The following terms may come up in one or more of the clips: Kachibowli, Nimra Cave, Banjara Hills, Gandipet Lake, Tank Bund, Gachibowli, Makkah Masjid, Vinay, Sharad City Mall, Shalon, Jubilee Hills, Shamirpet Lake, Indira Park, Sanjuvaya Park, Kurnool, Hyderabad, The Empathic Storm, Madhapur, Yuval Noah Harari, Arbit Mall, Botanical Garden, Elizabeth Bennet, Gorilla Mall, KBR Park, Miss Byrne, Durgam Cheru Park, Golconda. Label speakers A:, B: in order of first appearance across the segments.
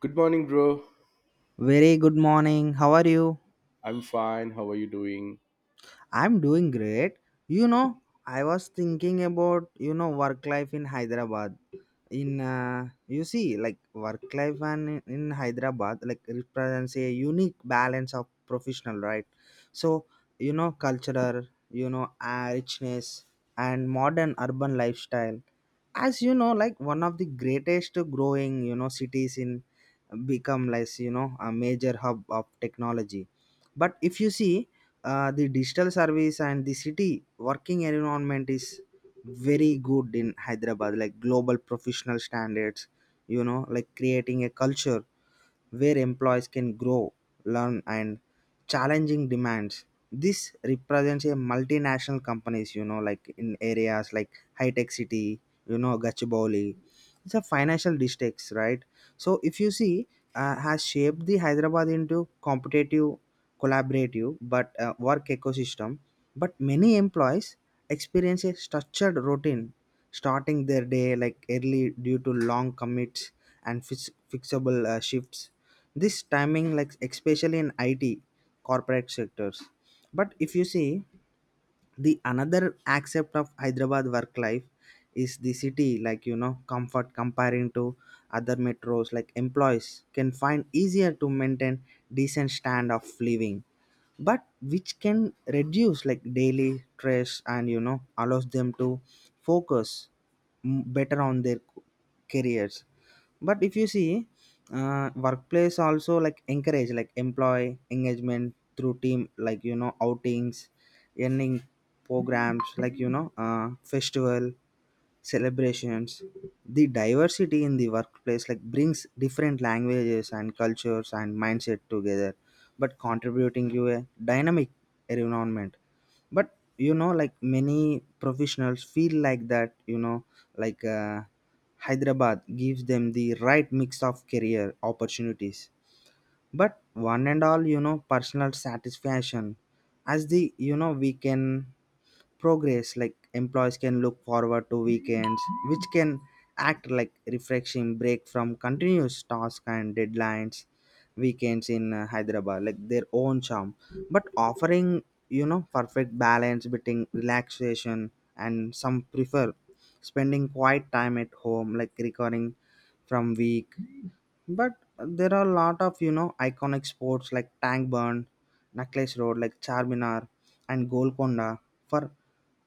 A: Good morning, bro.
B: Very good morning. How are you?
A: I'm fine. How are you doing?
B: I'm doing great. You know, I was thinking about, work life in Hyderabad. In you see, like work life and in Hyderabad, like represents a unique balance of professional, right? So, you know, cultural, richness and modern urban lifestyle. As you know, like one of the greatest growing, cities in become like you know a major hub of technology. But if you see the digital service and the city working environment is very good in Hyderabad, like global professional standards, you know, like creating a culture where employees can grow, learn, and challenging demands. This represents a multinational companies, you know, like in areas like high tech city, you know, Gachibowli. It's a financial districts, right? So if you see, has shaped the Hyderabad into competitive, collaborative, but work ecosystem. But many employees experience a structured routine, starting their day like early due to long commits and fixable shifts. This timing, like especially in IT, corporate sectors. But if you see the another aspect of Hyderabad work life is the city, like you know comfort comparing to other metros, like employees can find easier to maintain decent stand of living, but which can reduce like daily stress, and you know allows them to focus better on their careers. But if you see workplace also like encourage like employee engagement through team, like you know outings, earning programs, like festival celebrations. The diversity in the workplace like brings different languages and cultures and mindset together, but contributing to a dynamic environment. But you know like many professionals feel like that you know like Hyderabad gives them the right mix of career opportunities, but one and all you know personal satisfaction. As the you know we can progress, like employees can look forward to weekends, which can act like refreshing break from continuous tasks and deadlines. Weekends in Hyderabad like their own charm, but offering you know perfect balance between relaxation, and some prefer spending quiet time at home, like recovering from week. But there are a lot of you know iconic sports like Tank Burn, Necklace Road, like Charminar, and Golconda for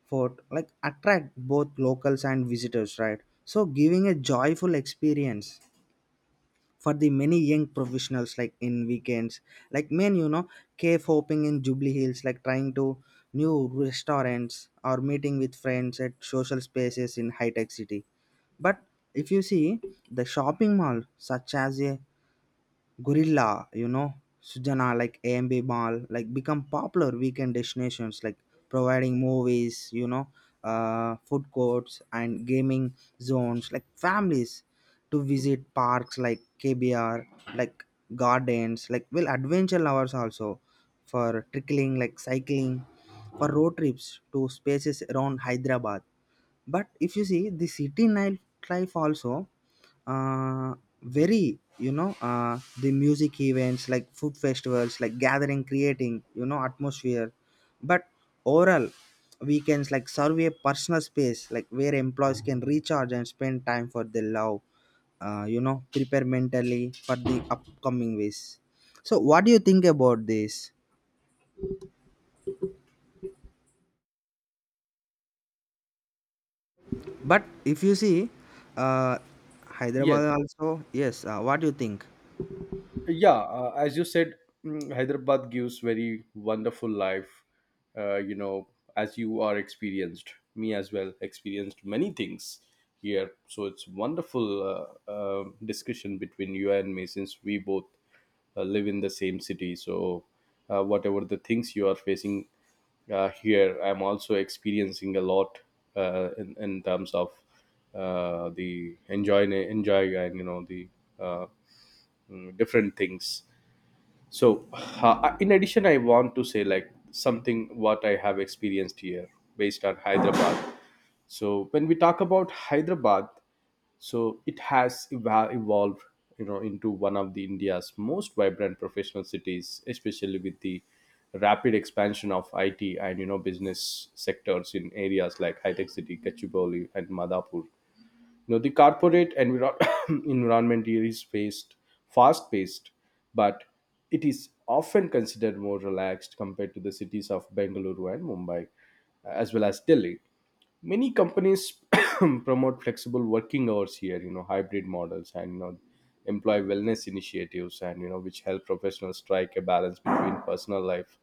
B: fort like attract both locals and visitors, right? So giving a joyful experience for the many young professionals, like in weekends, like men you know cave hopping in Jubilee Hills, like trying to new restaurants or meeting with friends at social spaces in high tech city. But if you see the shopping mall, such as a Gorilla, you know, Sujana, like AMB Mall, like become popular weekend destinations, like providing movies, food courts and gaming zones, like families to visit parks like KBR, like gardens, like well, adventure lovers also for trickling, like cycling, for road trips to spaces around Hyderabad. But if you see the city nightlife also uh, very the music events like food festivals like gathering creating you know atmosphere. But overall weekends like serve a personal space, like where employees can recharge and spend time for their love you know prepare mentally for the upcoming ways. So what do you think about this, but if you see uh,
A: Yes.
B: Hyderabad also, yes, what do you think?
A: Yeah as you said, hyderabad gives very wonderful life. uh, you know as you are experienced, me as well experienced many things here, so it's wonderful. Discussion between you and me, since we both live in the same city, so whatever the things you are facing here, I'm also experiencing a lot in terms of the enjoy and the uh, different things. So, in addition, I want to say like something what I have experienced here based on Hyderabad. So, when we talk about Hyderabad, so it has evolved, you know, into one of the India's most vibrant professional cities, especially with the rapid expansion of IT and business sectors in areas like High Tech City, Kachibowli, and Madhapur. You know, the corporate environment here is faced, fast paced, but it is often considered more relaxed compared to the cities of Bengaluru and Mumbai, as well as Delhi. Many companies promote flexible working hours here, you know, hybrid models, and, employ wellness initiatives, and which help professionals strike a balance between personal life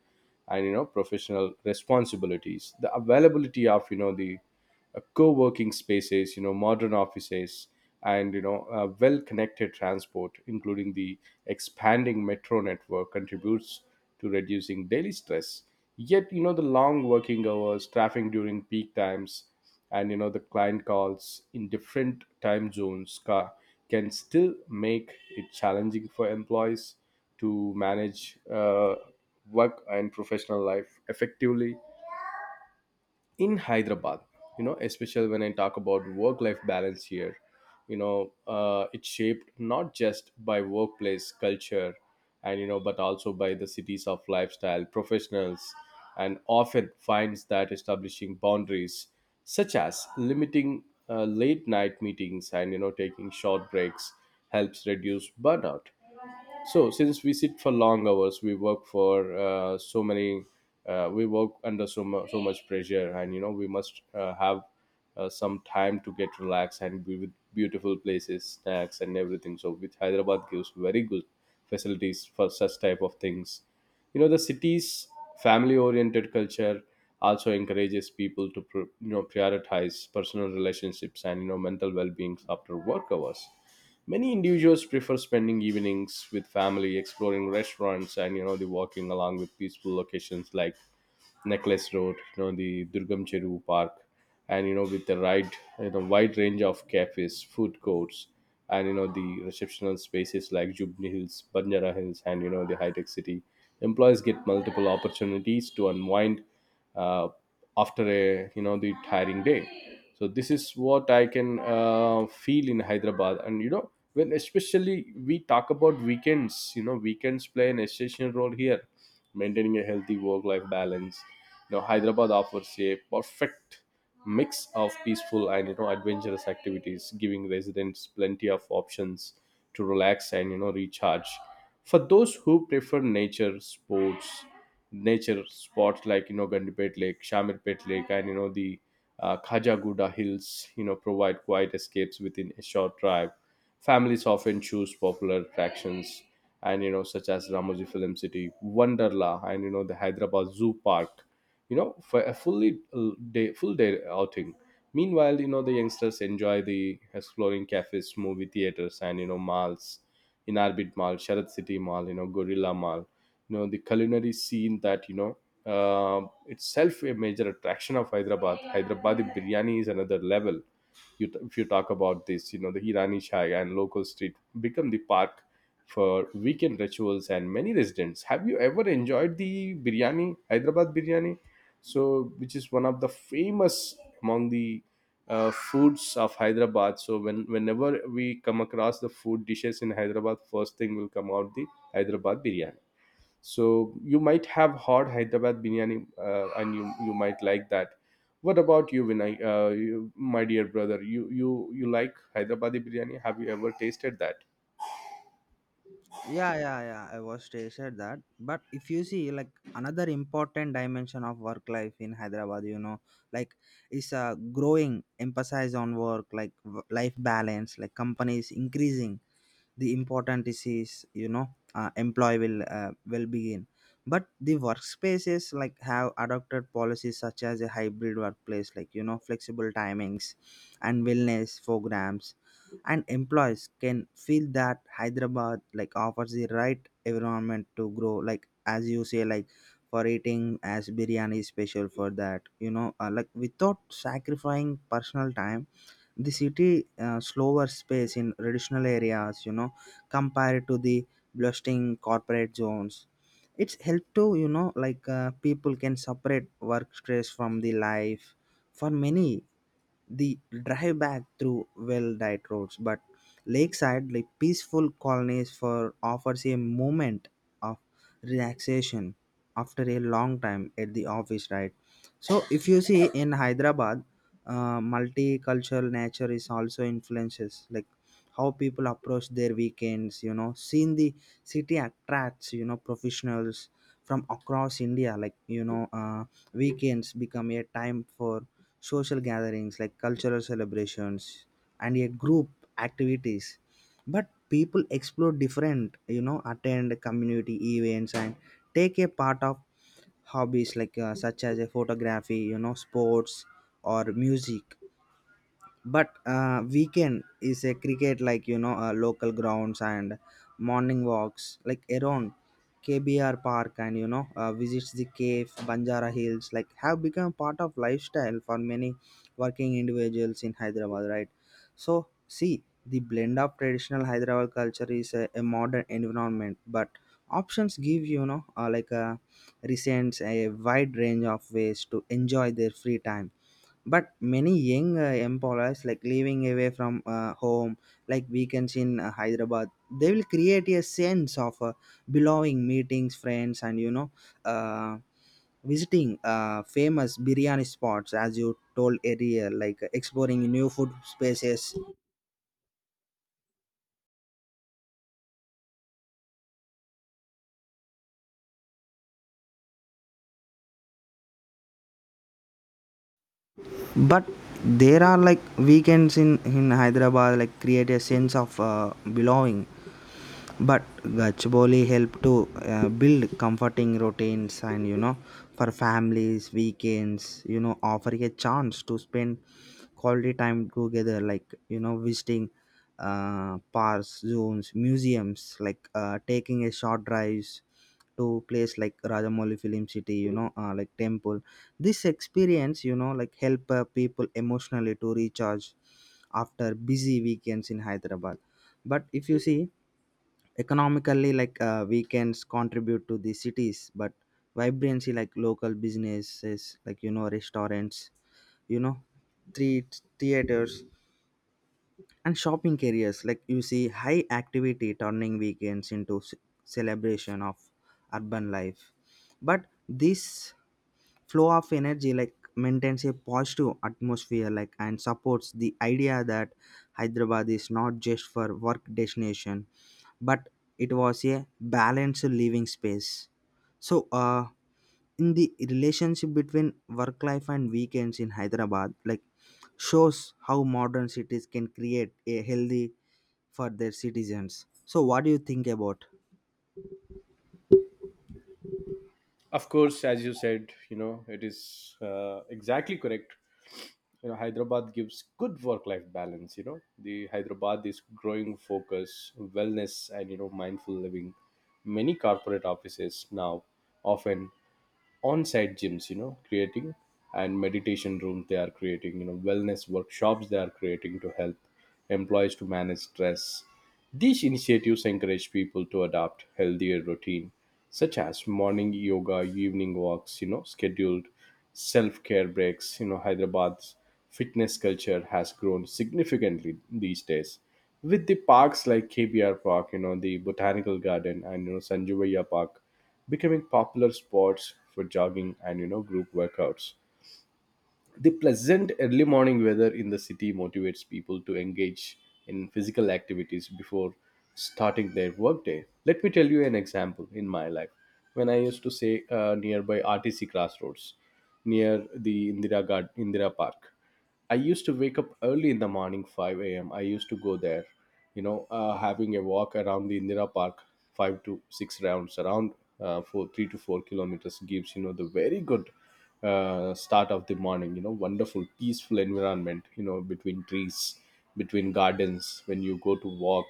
A: and professional responsibilities. The availability of the co-working spaces, you know, modern offices, and well connected transport, including the expanding metro network, contributes to reducing daily stress. Yet, you know, the long working hours, traffic during peak times, and the client calls in different time zones can still make it challenging for employees to manage work and professional life effectively in Hyderabad. You know, especially when I talk about work life balance here, it's shaped not just by workplace culture and, you know, but also by the cities of lifestyle. Professionals and often finds that establishing boundaries, such as limiting late night meetings and, you know, taking short breaks, helps reduce burnout. So since we sit for long hours, we work for so many, we work under so, so much pressure, and you know we must have some time to get relaxed and be with beautiful places, snacks, and everything. So, which Hyderabad gives very good facilities for such type of things. You know, the city's family oriented culture also encourages people to you know prioritize personal relationships and mental well-being after work hours. Many individuals prefer spending evenings with family, exploring restaurants, and the walking along with peaceful locations like Necklace Road, you know, the Durgam Cheru Park, and, with the right, you know, wide range of cafes, food courts, and, the receptional spaces like Jubilee Hills, Banjara Hills, and, the high tech city. Employees get multiple opportunities to unwind uh, after a, you know, the tiring day. So this is what I can feel in Hyderabad. And you know, when especially we talk about weekends, you know, weekends play an essential role here maintaining a healthy work life balance. You know, Hyderabad offers a perfect mix of peaceful and adventurous activities, giving residents plenty of options to relax and recharge. For those who prefer nature sports, nature spots like, you know, Gandipet Lake, Shamirpet Lake, and you know the Khajaguda Hills, you know, provide quiet escapes within a short drive. Families often choose popular attractions, and, such as Ramoji Film City, Wonderla, and, the Hyderabad Zoo Park. You know, for a full day outing. Meanwhile, you know, the youngsters enjoy the exploring cafes, movie theaters, and, malls. In Arbit Mall, Sharad City Mall, you know, Gorilla Mall. You know, the culinary scene that itself a major attraction of Hyderabad. Hyderabadi biryani is another level. If you talk about this, you know, the irani shai and local street become the park for weekend rituals, and many residents have you ever enjoyed the biryani hyderabad biryani. So, which is one of the famous among the foods of Hyderabad. So when, whenever we come across the food dishes in Hyderabad, first thing will come out the Hyderabad biryani. So you might have hot Hyderabad biryani, and you might like that. What about you, Vinay? You, my dear brother, you like Hyderabadi biryani? Have you ever tasted that?
B: Yeah, yeah, yeah, I was they said that. But if you see like another important dimension of work life in Hyderabad, you know, like is a growing emphasis on work like life balance, like companies increasing the important disease, you know employee will begin. But the workspaces like have adopted policies such as a hybrid workplace, like you know flexible timings and wellness programs. And employees can feel that Hyderabad like offers the right environment to grow, like as you say, like for eating as biryani is special for that, you know like without sacrificing personal time. The city slower space in traditional areas, you know, compared to the bustling corporate zones. It's helped to you know like people can separate work stress from the life. For many, the drive back through well-dyed roads, but lakeside, like peaceful colonies, for offers a moment of relaxation after a long time at the office, right? So, if you see in Hyderabad, multicultural nature is also influences like how people approach their weekends. You know, seeing the city attracts you know professionals from across India. Like you know, weekends become a time for social gatherings, like cultural celebrations and a group activities. But people explore different, you know, attend community events and take a part of hobbies like, such as a photography, you know, sports or music. But weekend is a cricket, like you know local grounds and morning walks like around KBR park, and visits the cave Banjara Hills like have become part of lifestyle for many working individuals in Hyderabad, right? So see the blend of traditional Hyderabad culture is a modern environment, but options give like a recent a wide range of ways to enjoy their free time. But many young employers like living away from home, like weekends in Hyderabad, they will create a sense of belonging, meetings friends and uh, visiting famous biryani spots, as you told earlier, like exploring new food spaces. But there are like weekends in Hyderabad like create a sense of belonging. But Gachibowli help to build comforting routines, and you know for families weekends you know offering a chance to spend quality time together, like you know visiting parks, zones, museums, like taking a short drives to place like Rajamouli film city, like temple. This experience, you know, like help people emotionally to recharge after busy weekends in Hyderabad. But if you see economically, like we contribute to the cities, but vibrancy like local businesses like you know restaurants, you know treat theaters and shopping areas, like you see high activity turning weekends into celebration of urban life. But this flow of energy like maintains a positive atmosphere, like and supports the idea that Hyderabad is not just for work destination, but it was a balanced living space. So in the relationship between work life and weekends in Hyderabad like shows how modern cities can create a healthy for their citizens. So what do you think about?
A: Of course, as you said, you know, it is exactly correct. You know, Hyderabad gives good work-life balance. You know, the Hyderabad is growing focus, wellness, and you know, mindful living. Many corporate offices now often on-site gyms, you know, creating and meditation rooms, they are creating, you know, wellness workshops they are creating to help employees to manage stress. These initiatives encourage people to adopt healthier routine, such as morning yoga, evening walks, you know, scheduled self-care breaks. You know, Hyderabad's fitness culture has grown significantly these days. With the parks like KBR Park, you know, the Botanical Garden, and you know, Sanjuvaya Park becoming popular spots for jogging and group workouts. The pleasant early morning weather in the city motivates people to engage in physical activities before starting their workday. Let me tell you an example in my life. When I used to stay nearby RTC Crossroads, near the Indira Park, I used to wake up early in the morning, 5 a.m. I used to go there, you know, having a walk around the Indira Park, 5 to 6 rounds around for 3 to 4 kilometers, gives, you know, the very good start of the morning, you know, wonderful, peaceful environment, you know, between trees, between gardens. When you go to walk,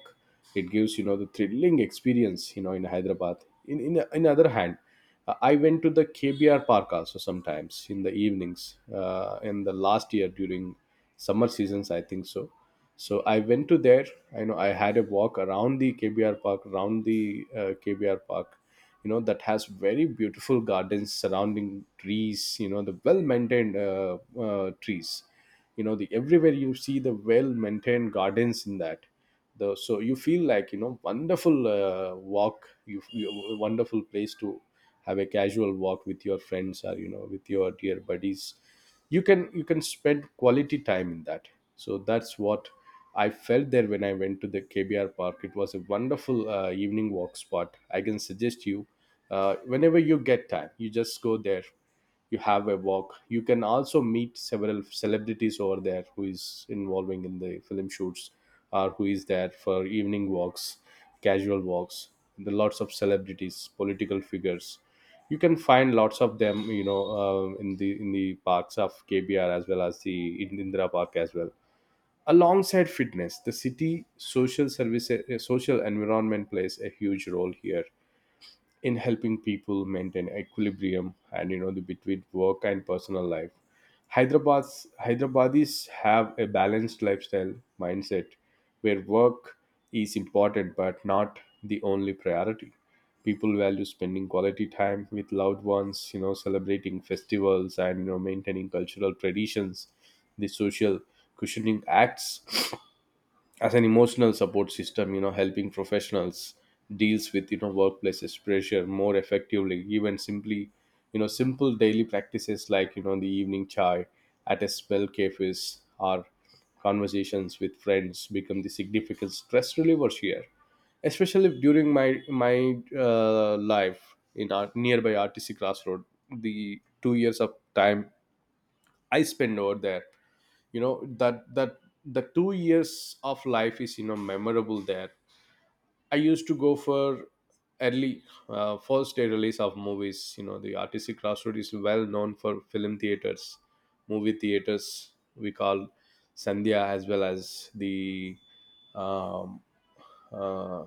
A: it gives, you know, the thrilling experience, you know, in Hyderabad. In, other hand, I went to the KBR park also sometimes in the evenings, in the last year during summer seasons, I think so. So I went to there, I had a walk around the KBR park, around the KBR park. You know that has very beautiful gardens surrounding trees, you know, the well maintained trees. You know, the everywhere you see the well maintained gardens in that. The So you feel like, you know, wonderful walk. You a wonderful place to have a casual walk with your friends or, you know, with your dear buddies. You can spend quality time in that. So that's what I felt there. When I went to the KBR park, it was a wonderful evening walk spot. I can suggest you whenever you get time, you just go there, you have a walk. You can also meet several celebrities over there who is involving in the film shoots or who is there for evening walks, casual walks. The lots of celebrities, political figures, you can find lots of them, you know, in the parks of KBR, as well as the Indira park as well. Alongside fitness, the city social service social environment plays a huge role here in helping people maintain equilibrium and the between work and personal life. Hyderabad's Hyderabadis have a balanced lifestyle mindset where work is important but not the only priority. People value spending quality time with loved ones, you know, celebrating festivals and maintaining cultural traditions. The social cushioning acts as an emotional support system, you know, helping professionals deals with, you know, workplaces pressure more effectively. Even simply, simple daily practices like, you know, the evening chai at a spell cafes or conversations with friends, become the significant stress relievers here, especially during my life in our nearby RTC crossroad. The 2 years of time I spend over there, you know, that the 2 years of life is, you know, memorable there. I used to go for early first day release of movies. You know, the artistic crossroad is well known for film theaters, movie theaters. We call Sandhya, as well as the um, uh,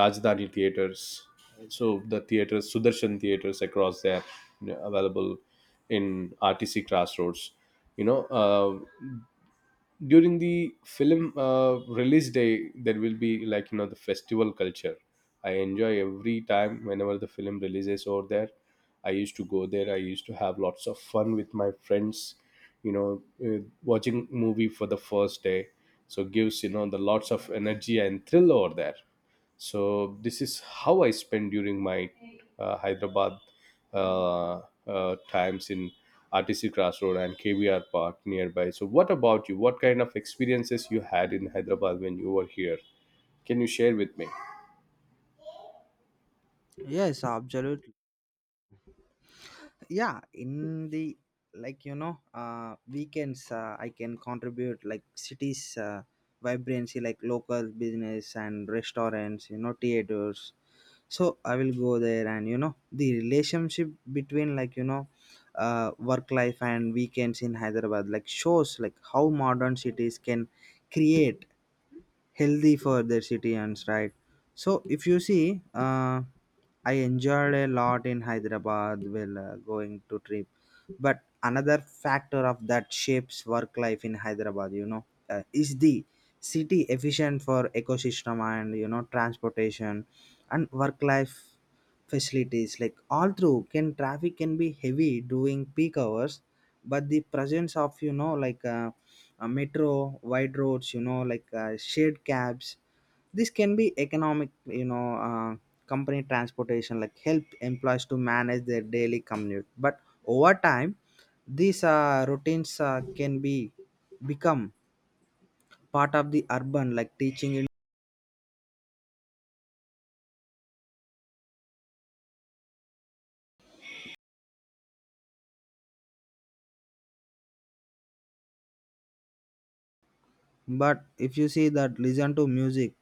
A: Rajdhani theaters. So the theaters, Sudarshan theaters across there, you know, available in RTC crossroads. You know, during the film release day, there will be, like, you know, the festival culture. I enjoy every time whenever the film releases over there. I used to go there, I used to have lots of fun with my friends, you know, watching movie for the first day. So gives, you know, the lots of energy and thrill over there. So this is how I spend during my Hyderabad uh, times in RTC crossroad and KVR park nearby. So what about you? What kind of experiences you had in Hyderabad when you were here? Can you share with me?
B: Yes, absolutely. Yeah, in the, like you know weekends, I can contribute like cities vibrancy, like local business and restaurants, you know theaters. So I will go there, and you know the relationship between, like you know work life and weekends in Hyderabad like shows like how modern cities can create healthy for their citizens, right? So if you see I enjoyed a lot in Hyderabad while going to trip. But another factor of that shapes work life in Hyderabad, you know, is the city efficient for ecosystem and, you know, transportation and work life facilities, like all through can traffic can be heavy during peak hours. But the presence of you know like, a metro, wide roads, you know like shared cabs, this can be economic, you know, company transportation like help employees to manage their daily commute. But over time, these routines can be become part of the urban like teaching. But if you see that, listen to music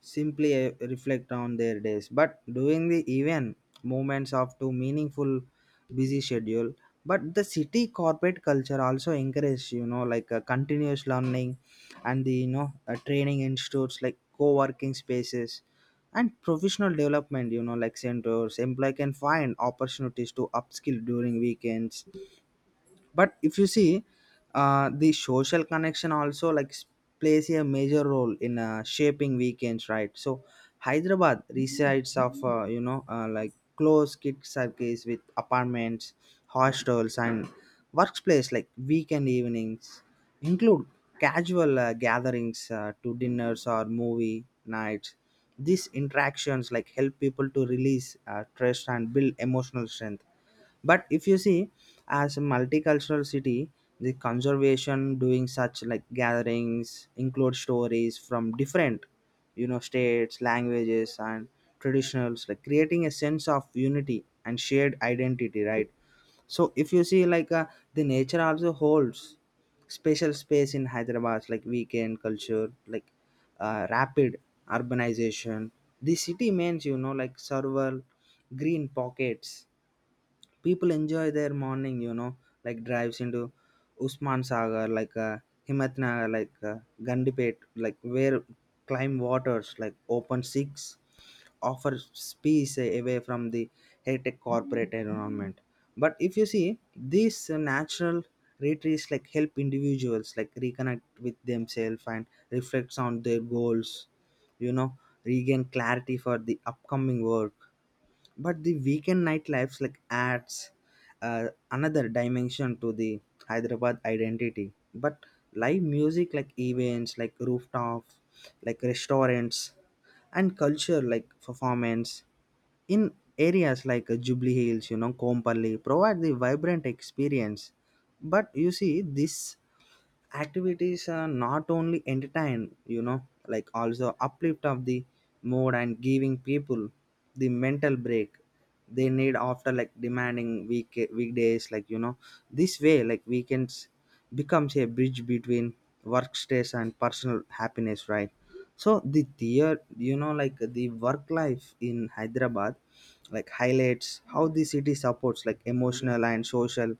B: simply, reflect on their days, but during the event moments of too meaningful busy schedule. But the city corporate culture also encourage, you know, like continuous learning and the you know training institutes like co-working spaces and professional development, you know, like centers employee can find opportunities to upskill during weekends. But if you see the social connection also like plays a major role in shaping weekends, right? So Hyderabad resides of you know like close kid circles with apartments, hostels, and workplace, like weekend evenings include casual gatherings to dinners or movie nights. These interactions like help people to release stress and build emotional strength. But if you see, as a multicultural city, the conservation doing such like gatherings include stories from different, you know, states, languages, and traditionals, like creating a sense of unity and shared identity, right? So if you see like the nature also holds special space in Hyderabad like weekend culture, like rapid urbanization, the city means you know like several green pockets. People enjoy their morning, you know, like drives into Usman Sagar, like Himat Nagar, like Gandipet, like where climb waters like open six offer space away from the high-tech corporate environment. But if you see these natural retreats like help individuals like reconnect with themselves and reflects on their goals, you know regain clarity for the Upcoming work. But the weekend nightlife like adds another dimension to the Hyderabad identity, but live music like events, like rooftop like restaurants and culture like performance in areas like Jubilee Hills, you know, Kompally provide the vibrant experience. But you see this activities are not only entertain, you know, like also uplift of the mood and giving people the mental break they need after like demanding week weekdays, like, you know, this way like weekends becomes a bridge between work stress and personal happiness, right? So the theor, you know, like the work life in Hyderabad like highlights how the city supports like emotional and social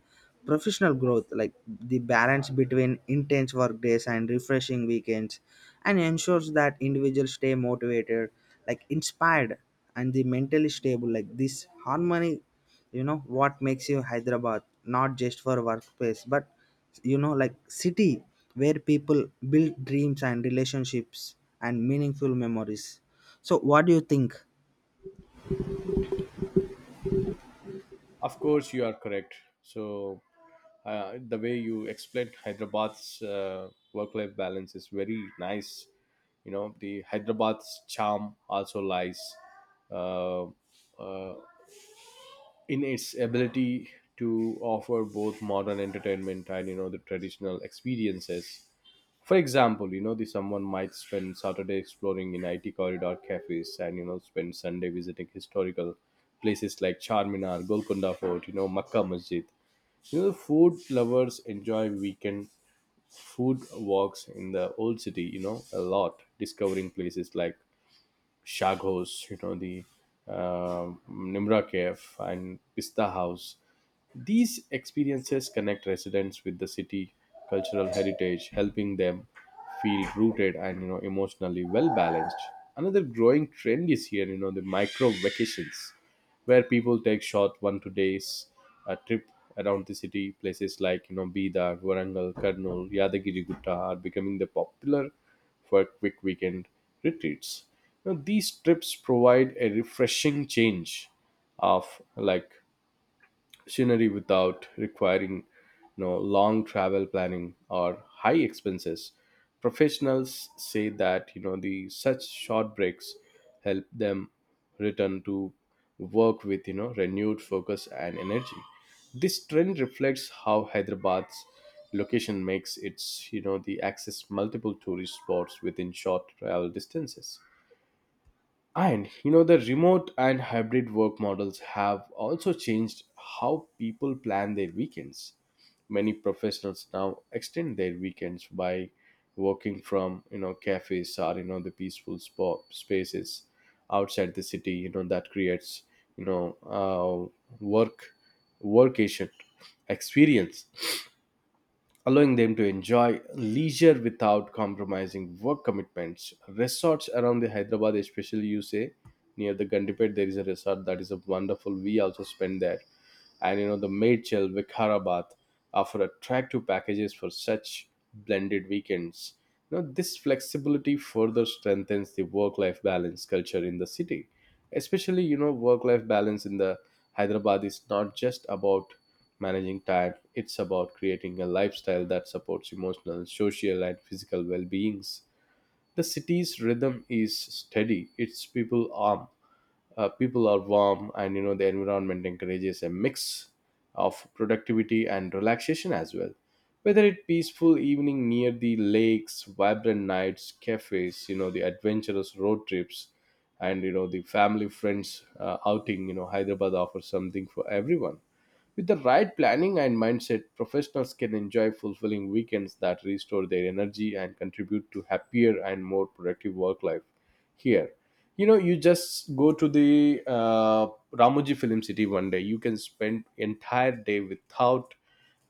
B: professional growth, like the balance between intense work days and refreshing weekends, and ensures that individuals stay motivated, like inspired and the mentally stable. Like this harmony, you know, what makes you Hyderabad not just for workplace but, you know, like city where people build dreams and relationships and meaningful memories. So what do you think?
A: Of course, you are correct. So, The way you explained Hyderabad's work-life balance is very nice. You know, the Hyderabad's charm also lies uh, uh, in its ability to offer both modern entertainment and, you know, the traditional experiences. For example, you know, the someone might spend Saturday exploring in IT corridor cafes and, you know, spend Sunday visiting historical places like Charminar, Golconda Fort, you know, Makkah Masjid. You know, the food lovers enjoy weekend food walks in the old city, you know, a lot discovering places like Shagos, you know, the Nimra Cave and Pista House. These experiences connect residents with the city cultural heritage, helping them feel rooted and, you know, emotionally well balanced. Another growing trend is here, you know, the micro vacations, where people take short one to days a trip around the city. Places like, you know, Bidar, Warangal, Kurnool, Yadagiri Gutta are becoming the popular for quick weekend retreats. Now, these trips provide a refreshing change of, like, scenery without requiring, you know, long travel planning or high expenses. Professionals say that, you know, the such short breaks help them return to work with, you know, renewed focus and energy. This trend reflects how Hyderabad's location makes its, you know, the access multiple tourist spots within short travel distances. And, you know, the remote and hybrid work models have also changed how people plan their weekends. Many professionals now extend their weekends by working from, you know, cafes or, you know, the peaceful spaces outside the city. You know, that creates, you know, work workation experience allowing them to enjoy leisure without compromising work commitments. Resorts around the Hyderabad, especially you say, near the Gandipet, there is a resort that is a wonderful. We also spent there, and, you know, the Madchal Vikarabad offer attractive packages for such blended weekends. Now, this flexibility further strengthens the work-life balance culture in the city. Especially, you know, work-life balance in the Hyderabad is not just about managing time; it's about creating a lifestyle that supports emotional, social, and physical well-beings. The city's rhythm is steady; its people are warm, and, you know, the environment encourages a mix of productivity and relaxation as well, whether it peaceful evening near the lakes, vibrant nights cafes, you know, the adventurous road trips, and, you know, the family friends outing. You know, Hyderabad offers something for everyone. With the right planning and mindset, professionals can enjoy fulfilling weekends that restore their energy and contribute to happier and more productive work life here. You know, you just go to the Ramoji Film City, one day you can spend entire day without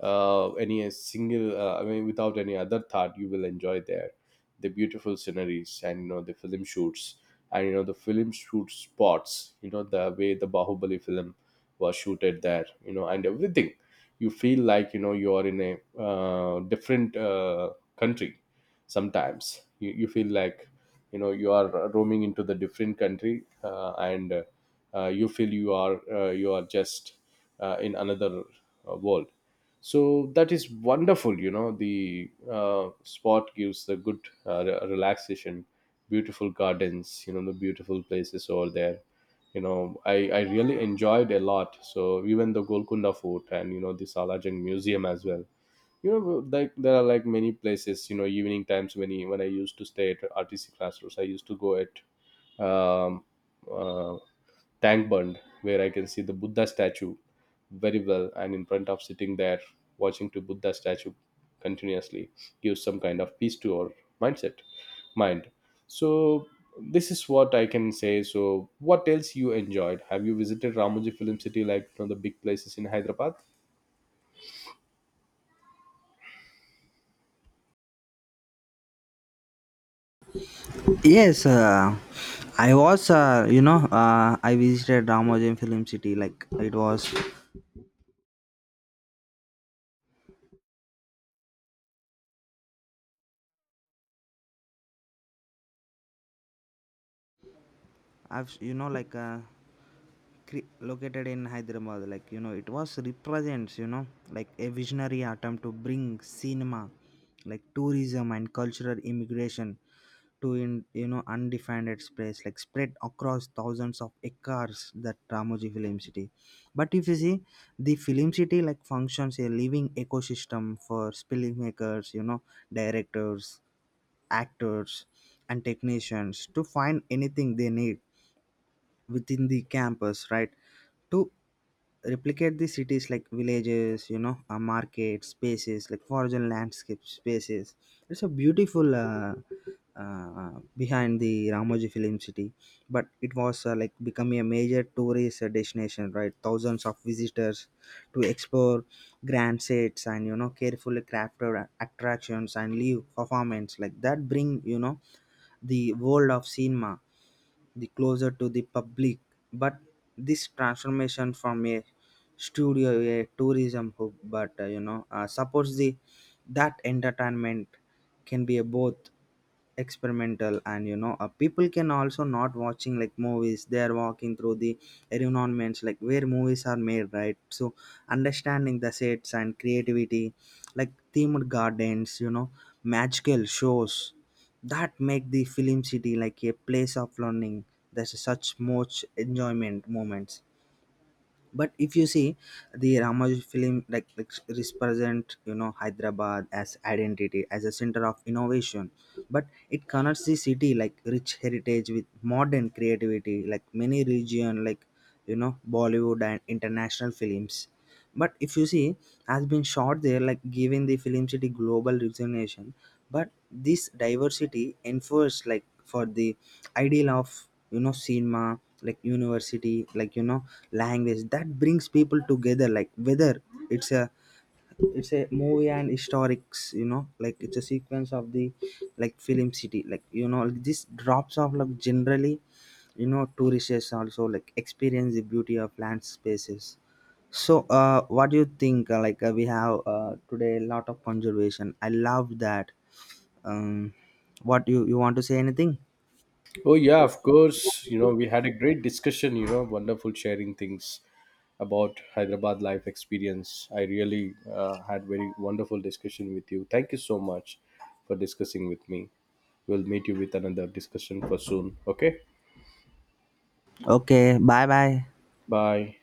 A: any single I mean, without any other thought, you will enjoy there the beautiful sceneries and, you know, the film shoots, and, you know, the film shoot spots. You know, the way the Bahubali film was shooted there, you know, and everything, you feel like, you know, you are in a different country. Sometimes you feel like, you know, you are roaming into the different country, and you feel you are, you are just in another world. So that is wonderful. You know, the spot gives the good relaxation, beautiful gardens, you know, the beautiful places over there. You know, I really enjoyed a lot. So even the Golconda Fort and, you know, the Salajang Museum as well. You know, like, there are like many places, you know, evening times, when when I used to stay at RTC classrooms, I used to go at um, uh, Tank Bund, where I can see the Buddha statue very well, and in front of sitting there watching to Buddha statue continuously gives some kind of peace to our mindset mind. So this is what I can say. So what else you enjoyed? Have you visited Ramoji Film City, like, you know, the big places in Hyderabad?
B: Yes, I was, you know, I visited Ramojem Film City. Like it was, I've, you know, like cre- located in Hyderabad. Like, you know, it was represents, you know, like a visionary attempt to bring cinema like tourism and cultural immigration to in, you know, undefined space, like spread across thousands of acres, that Ramoji Film City. But if you see, the film city like functions a living ecosystem for filmmakers, you know, directors, actors, and technicians to find anything they need within the campus, right? To replicate the cities like villages, you know, a market spaces like forest landscape spaces. It's a beautiful uh, behind the Ramoji Film City. But it was like becoming a major tourist destination, right? Thousands of visitors to explore grand sets and, you know, carefully crafted attractions and live performance like that bring, you know, the world of cinema the closer to the public. But this transformation from a studio a tourism hub, but, you know, supports the that entertainment can be a both experimental and, you know, people can also not watching like movies, they are walking through the environments like where movies are made, right? So understanding the sets and creativity like themed gardens, you know, magical shows that make the film city like a place of learning. There's such much enjoyment moments. But if you see the Ramoji film like represent, you know, Hyderabad as identity as a center of innovation. But it connects the city like rich heritage with modern creativity, like many region, like, you know, Bollywood and international films. But if you see has been shot there, like giving the film city global resonation. But this diversity enforced like for the ideal of, you know, cinema like university, like, you know, language that brings people together, like whether it's a it's a movie and historics, you know, like it's a sequence of the like film city. Like, you know, this drops off like generally, you know, tourists also like experience the beauty of land spaces. So uh, what do you think, like, we have today a lot of conservation? I love that. Um, what you want to say anything?
A: Oh yeah, of course. You know, we had a great discussion, you know, wonderful sharing things about Hyderabad life experience. I really had very wonderful discussion with you. Thank you so much for discussing with me. We'll meet you with another discussion for soon. Okay?
B: Okay, bye bye.
A: Bye.